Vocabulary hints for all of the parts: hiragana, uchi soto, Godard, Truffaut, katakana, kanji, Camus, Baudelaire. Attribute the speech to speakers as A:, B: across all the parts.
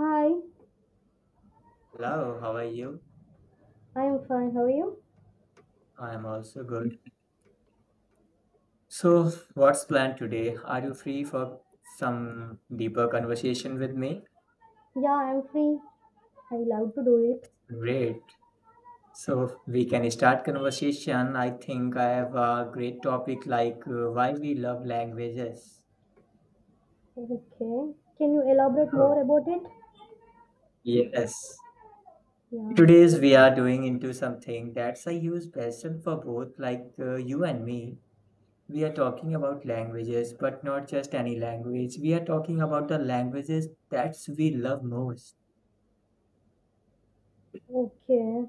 A: Hi,
B: Hello, how are you?
A: I'm fine. How are you?
B: I am also good. So, what's planned today? Are you free for some deeper conversation with me?
A: Yeah, I'm free. I love to do it.
B: Great. So, we can start conversation. I think I have a great topic like why we love languages.
A: Okay. Can you elaborate
B: Oh,
A: more about it?
B: yes.
A: Yeah.
B: Today's we are doing into something that's a huge passion for both like you and me. We are talking about languages, but not just any language. We are talking about the languages that we love most.
A: Okay.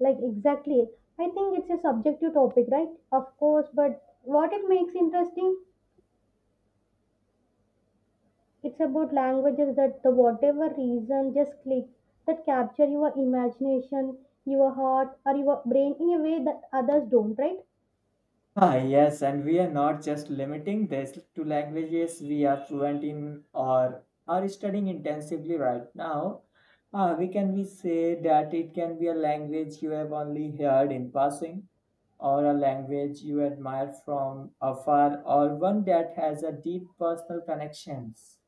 A: Like exactly. I think it's a subjective topic, right? Of course, but what it makes interesting, it's about languages that the whatever reason just click that capture your imagination, your heart or your brain in a way that others don't, right?
B: Ah, yes, and we are not just limiting this to languages we are fluent in or are studying intensively right now. We can we say that it can be a language you have only heard in passing, or a language you admire from afar, or one that has a deep personal connections.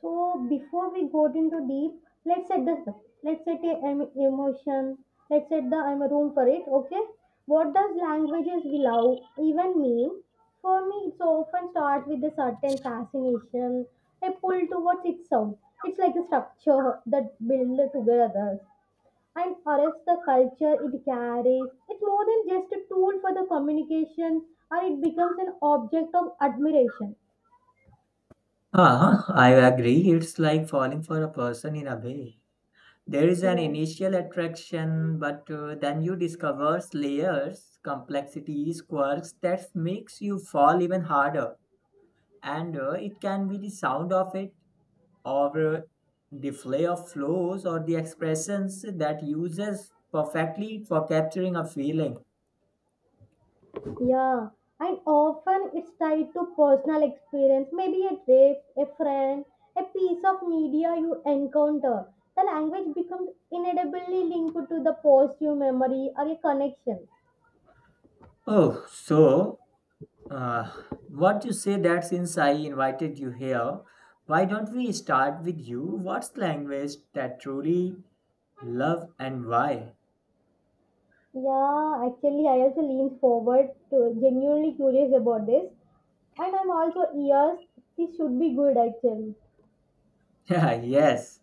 A: So before we got into deep, let's set a emotion. Let's set the room for it. Okay. What does languages we love even mean? For me, it so often starts with a certain fascination, a pull towards its sound. It's like a structure that builds together and arrests the culture it carries. It's more than just a tool for the communication, or it becomes an object of admiration.
B: I agree. It's like falling for a person in a way. There is an
A: Yeah.
B: initial attraction, but then you discover layers, complexities, quirks that makes you fall even harder. And it can be the sound of it, or the play of flows, or the expressions that uses perfectly for capturing a feeling.
A: Yeah, and often it's tied to personal experience, maybe a trip, a friend, a piece of media you encounter. The language becomes inevitably linked to the positive memory or a connection.
B: Oh, so uh, what you say that since I invited you here, why don't we start with you? What's language that truly love and why?
A: Yeah, actually, I also lean forward to genuinely curious about this, and I'm also yes, this should be good actually.
B: Yeah. Yes.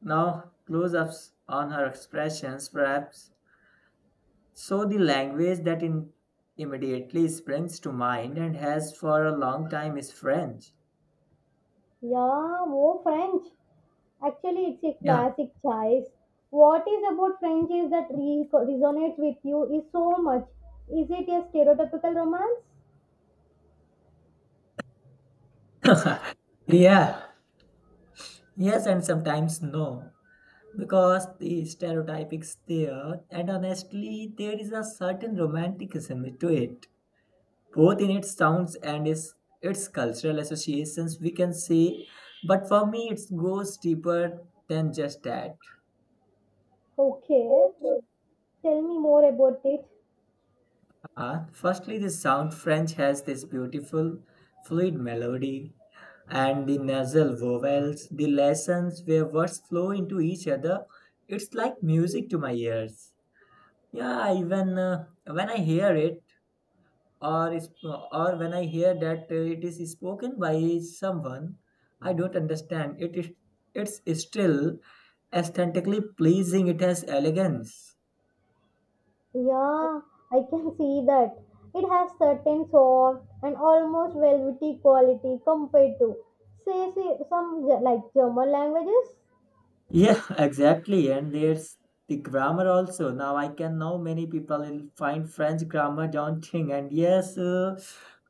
B: Now, close ups on her expressions, perhaps. So, the language that immediately springs to mind and has for a long time is French.
A: Yeah, more French. Actually, it's a
B: Yeah.
A: classic choice. What is about French is that resonates with you is so much. Is it a stereotypical romance?
B: Yeah. Yes, and sometimes no. Because the stereotype is there, and honestly, there is a certain romanticism to it, both in its sounds and its cultural associations, we can say. But for me, it goes deeper than just that.
A: Okay, tell me more about it.
B: Firstly, the sound French has this beautiful, fluid melody, and the nasal vowels, the lessons where words flow into each other. It's like music to my ears. Yeah, even when I hear it, or is- or when I hear that it is spoken by someone I don't understand, it's still aesthetically pleasing. It has elegance.
A: Yeah, I can see that. It has certain soft and almost velvety quality compared to, say some like German languages.
B: Yeah, exactly. And there's the grammar also. Now I can know many people will find French grammar daunting. And yes, uh,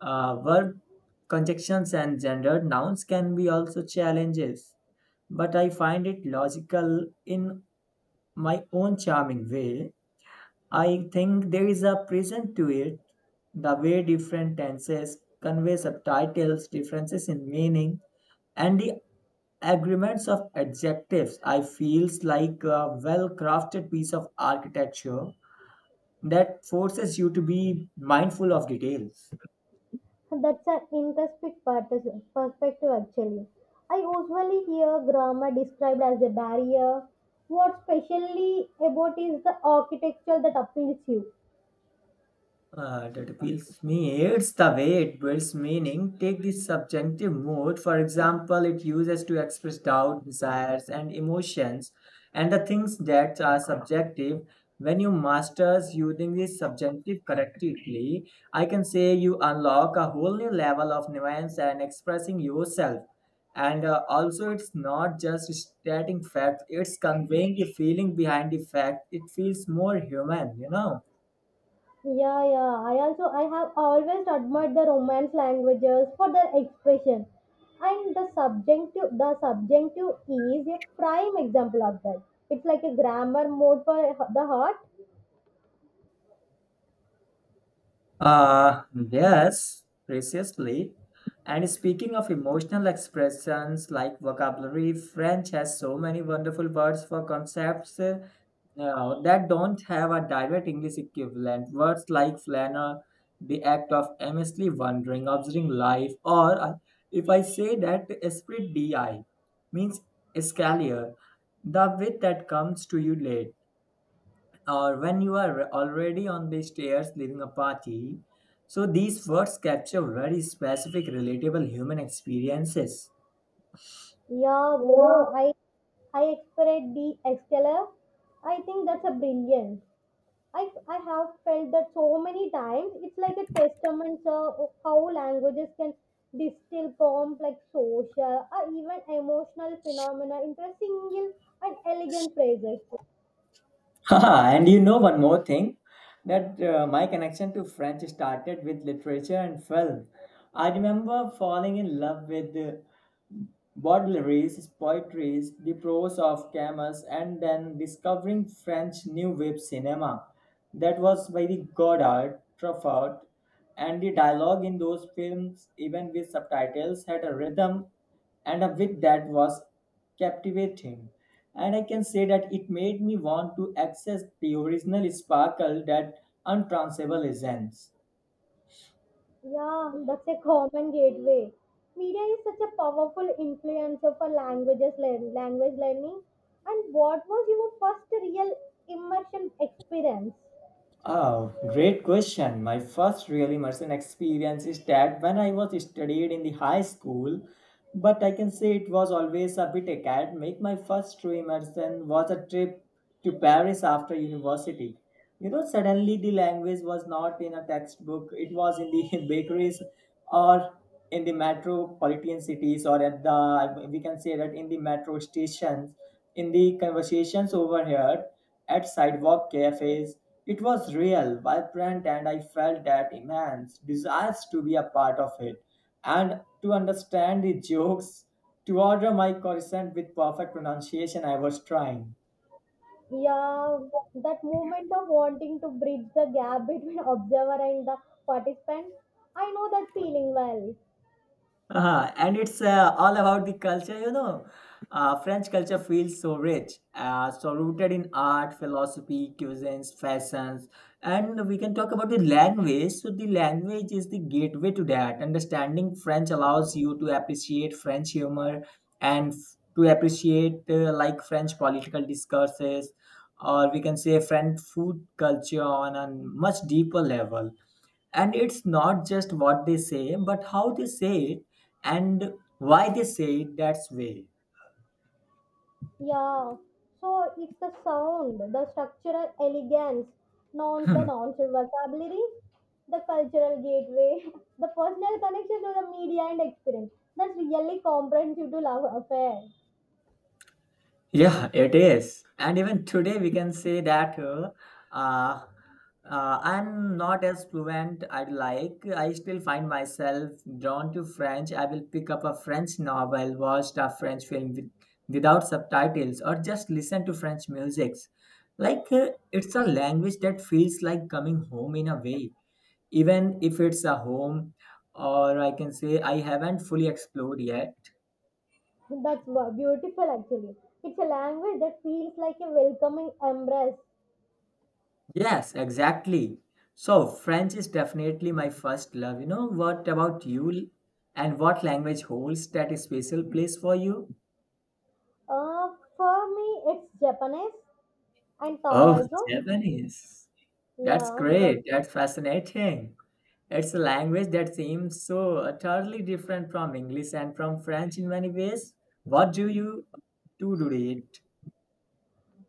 B: uh, verb conjunctions and gendered nouns can be also challenges. But I find it logical in my own charming way. I think there is a presence to it, the way different tenses convey subtitles, differences in meaning, and the agreements of adjectives. I feels like a well-crafted piece of architecture that forces you to be mindful of details.
A: That's an interesting perspective, actually. I usually hear grammar described as a barrier. What's specially about is the architecture that appeals you.
B: That appeals me. It's the way it builds meaning. Take the subjunctive mood, for example, it uses to express doubt, desires, and emotions, and the things that are subjective. When you masters using the subjunctive correctly, I can say you unlock a whole new level of nuance and expressing yourself. And also, it's not just stating facts; it's conveying the feeling behind the fact. It feels more human, you know.
A: Yeah, yeah. I also I have always admired the Romance languages for their expression, and the subjunctive is a prime example of that. It's like a grammar mode for the heart.
B: Uh, yes, preciously. And speaking of emotional expressions like vocabulary, French has so many wonderful words for concepts that don't have a direct English equivalent. Words like flaneur, the act of aimlessly wandering, observing life, or if I say that esprit di means escalier, the wit that comes to you late or when you are already on the stairs leaving a party. So these words capture very specific, relatable human experiences.
A: Yeah, whoa. I expect the exceller. I think that's a brilliant. I have felt that so many times. It's like a testament sir, of how languages can distill complex social or even emotional phenomena into a single and elegant phrases.
B: Haha, and you know one more thing that my connection to French started with literature and film. I remember falling in love with Baudelaires, poetry, the prose of Camus, and then discovering French New Wave cinema that was by the Godard, Truffaut, and the dialogue in those films, even with subtitles, had a rhythm and a wit that was captivating. And I can say that it made me want to access the original sparkle that untransable essence.
A: Yeah, that's a common gateway. Media is such a powerful influencer for language learning. And what was your first real immersion experience?
B: Oh, great question. My first real immersion experience is that when I was studied in the high school, but I can say it was always a bit academic. My first true immersion was a trip to Paris after university. You know suddenly the language was not in a textbook, it was in the bakeries or in the metropolitan cities, or at the we can say that in the metro stations, in the conversations overheard at sidewalk cafes. It was real vibrant and I felt that immense desire to be a part of it and to understand the jokes, to order my croissant with perfect pronunciation I was trying.
A: Yeah, that moment of wanting to bridge the gap between observer and the participant. I know that feeling well.
B: Uh-huh. And it's all about the culture, you know. French culture feels so rich, so rooted in art, philosophy, cuisines, fashions, and we can talk about the language. So the language is the gateway to that. Understanding French allows you to appreciate French humor and to appreciate like French political discourses, or we can say French food culture on a much deeper level, and it's not just what they say but how they say it and why they say it that way.
A: Yeah, so it's the sound, the structural elegance, not the
B: Hmm.
A: nonsense vocabulary, the cultural gateway, the personal connection to the media and experience. That's really comprehensive to love affair.
B: Yeah it is, and even today we can say that uh, I'm not as fluent I'd like, I still find myself drawn to French. I will pick up a French novel, watch a French film without subtitles, or just listen to French music, like it's a language that feels like coming home in a way, even if it's a home or I can say I haven't fully explored yet.
A: Beautiful actually. It's a language that feels like a welcoming embrace.
B: Yes exactly, so French is definitely my first love. You know what about you and what language holds that special place for you?
A: Uh, for me, it's Japanese. And Thai
B: Oh
A: also?
B: Japanese, that's
A: Yeah.
B: great, that's fascinating. It's a language that seems so utterly different from English and from French in many ways. What do you do to it?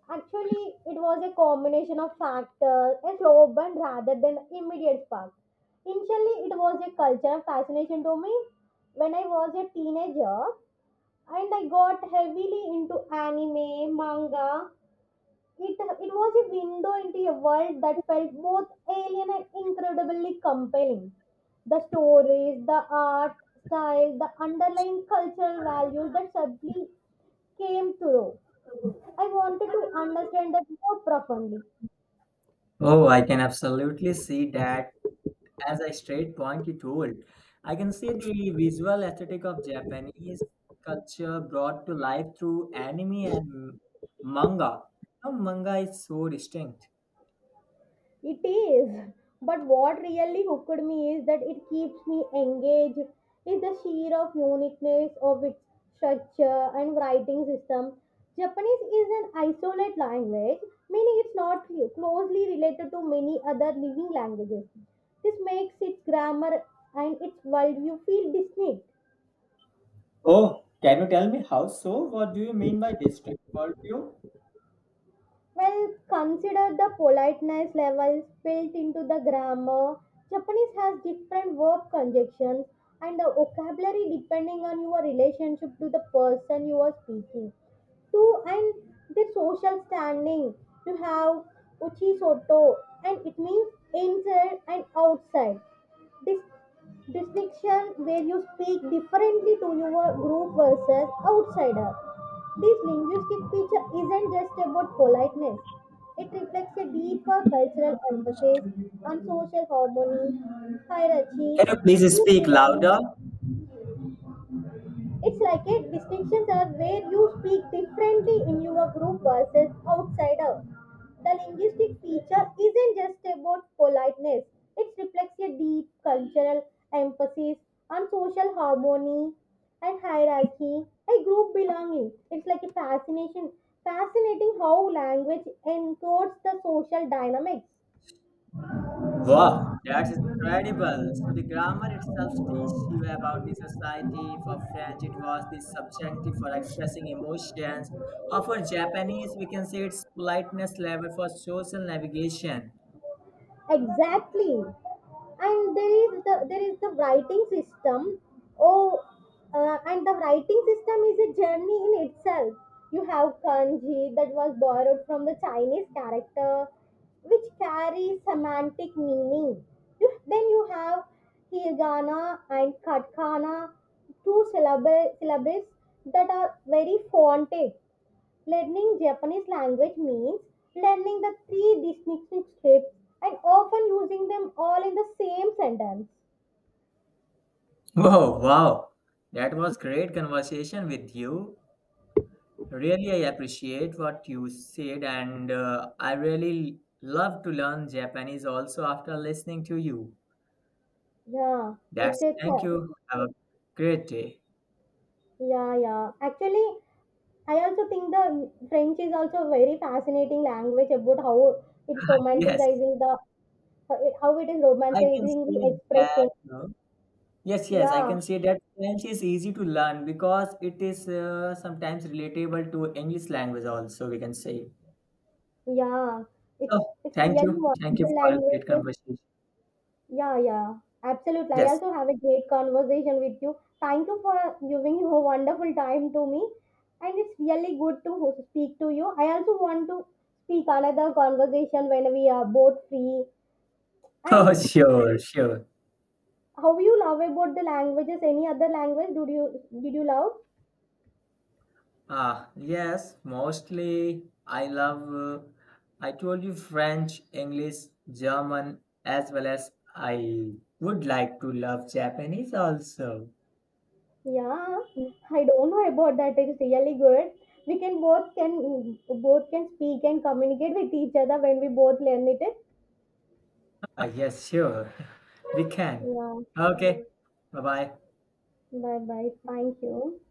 A: Actually, it was a combination of factors, a slow burn rather than immediate spark. Initially, it was a culture of fascination to me. When I was a teenager, and I got heavily into anime, manga, it was a window into a world that felt both alien and incredibly compelling. The stories, the art, style, the underlying cultural values that suddenly came through. I wanted to understand that more profoundly.
B: Oh, I can absolutely see that. As a straight point you told, I can see the visual aesthetic of Japanese culture brought to life through anime and manga. Now, manga is so distinct.
A: It is. But what really hooked me is that it keeps me engaged is the sheer of uniqueness of its structure and writing system. Japanese is an isolate language, meaning it's not closely related to many other living languages. This makes its grammar and its worldview feel distinct.
B: Oh, can you tell me how so? What do you mean by district called you?
A: Well, consider the politeness levels built into the grammar. Japanese has different verb conjunctions and the vocabulary depending on your relationship to the person you are speaking to. And the social standing you have uchi soto, and it means inside and outside dis- distinction where you speak differently to your group versus outsider. This linguistic feature isn't just about politeness. It reflects a deeper cultural emphasis on social harmony, hierarchy,
B: Can you please
A: group
B: speak louder?
A: belonging, it's like a distinctions are where you speak differently in your group versus outsider. The linguistic feature isn't just about politeness. It reflects a deep cultural emphasis on social harmony and hierarchy, a group belonging. It's like a fascinating how language encodes the social dynamics.
B: Wow. That's incredible. So the grammar itself teaches you about the society. For French, it was the subjunctive for expressing emotions. Or for Japanese, we can say it's politeness level for social navigation.
A: Exactly, and there is the writing system. oh and the writing system is a journey in itself. You have kanji that was borrowed from the Chinese character, which carries semantic meaning. Then you have hiragana and katakana, two syllables that are very fonted. Learning Japanese language means learning the three distinct scripts, and often using them all in the same sentence.
B: Whoa, wow. That was great conversation with you. Really, I appreciate what you said, and I really love to learn Japanese also after listening to you.
A: Yeah, it's
B: That's
A: it's
B: thank
A: a,
B: you. Have a great day.
A: yeah, yeah. Actually, I also think the French is also a very fascinating language about
B: Yes.
A: how it is
B: I can
A: romanticizing the
B: say that.
A: expressing.
B: Yes, yes, I
A: Yeah,
B: can say that French is easy to learn because it is sometimes relatable to English language also, we can say.
A: yeah. It's
B: So,
A: it's
B: thank
A: really
B: you. Thank you
A: wonderful
B: for a great
A: language.
B: conversation.
A: Yeah, yeah, absolutely. I
B: Yes.
A: also have a great conversation with you. Thank you for giving your wonderful time to me. And it's really good to speak to you. I also want to speak another conversation when we are both free.
B: Oh,
A: And
B: sure, sure.
A: how you love about the languages? Any other language? Did you love?
B: Ah, yes, mostly I love, I told you French, English, German, as well as I would like to love Japanese also.
A: Yeah, I don't know about that. It's really good. We can both can both can speak and communicate with each other when we both learn it.
B: Ah yes, sure. We can.
A: Yeah.
B: Okay. Bye bye.
A: Bye bye. Thank you.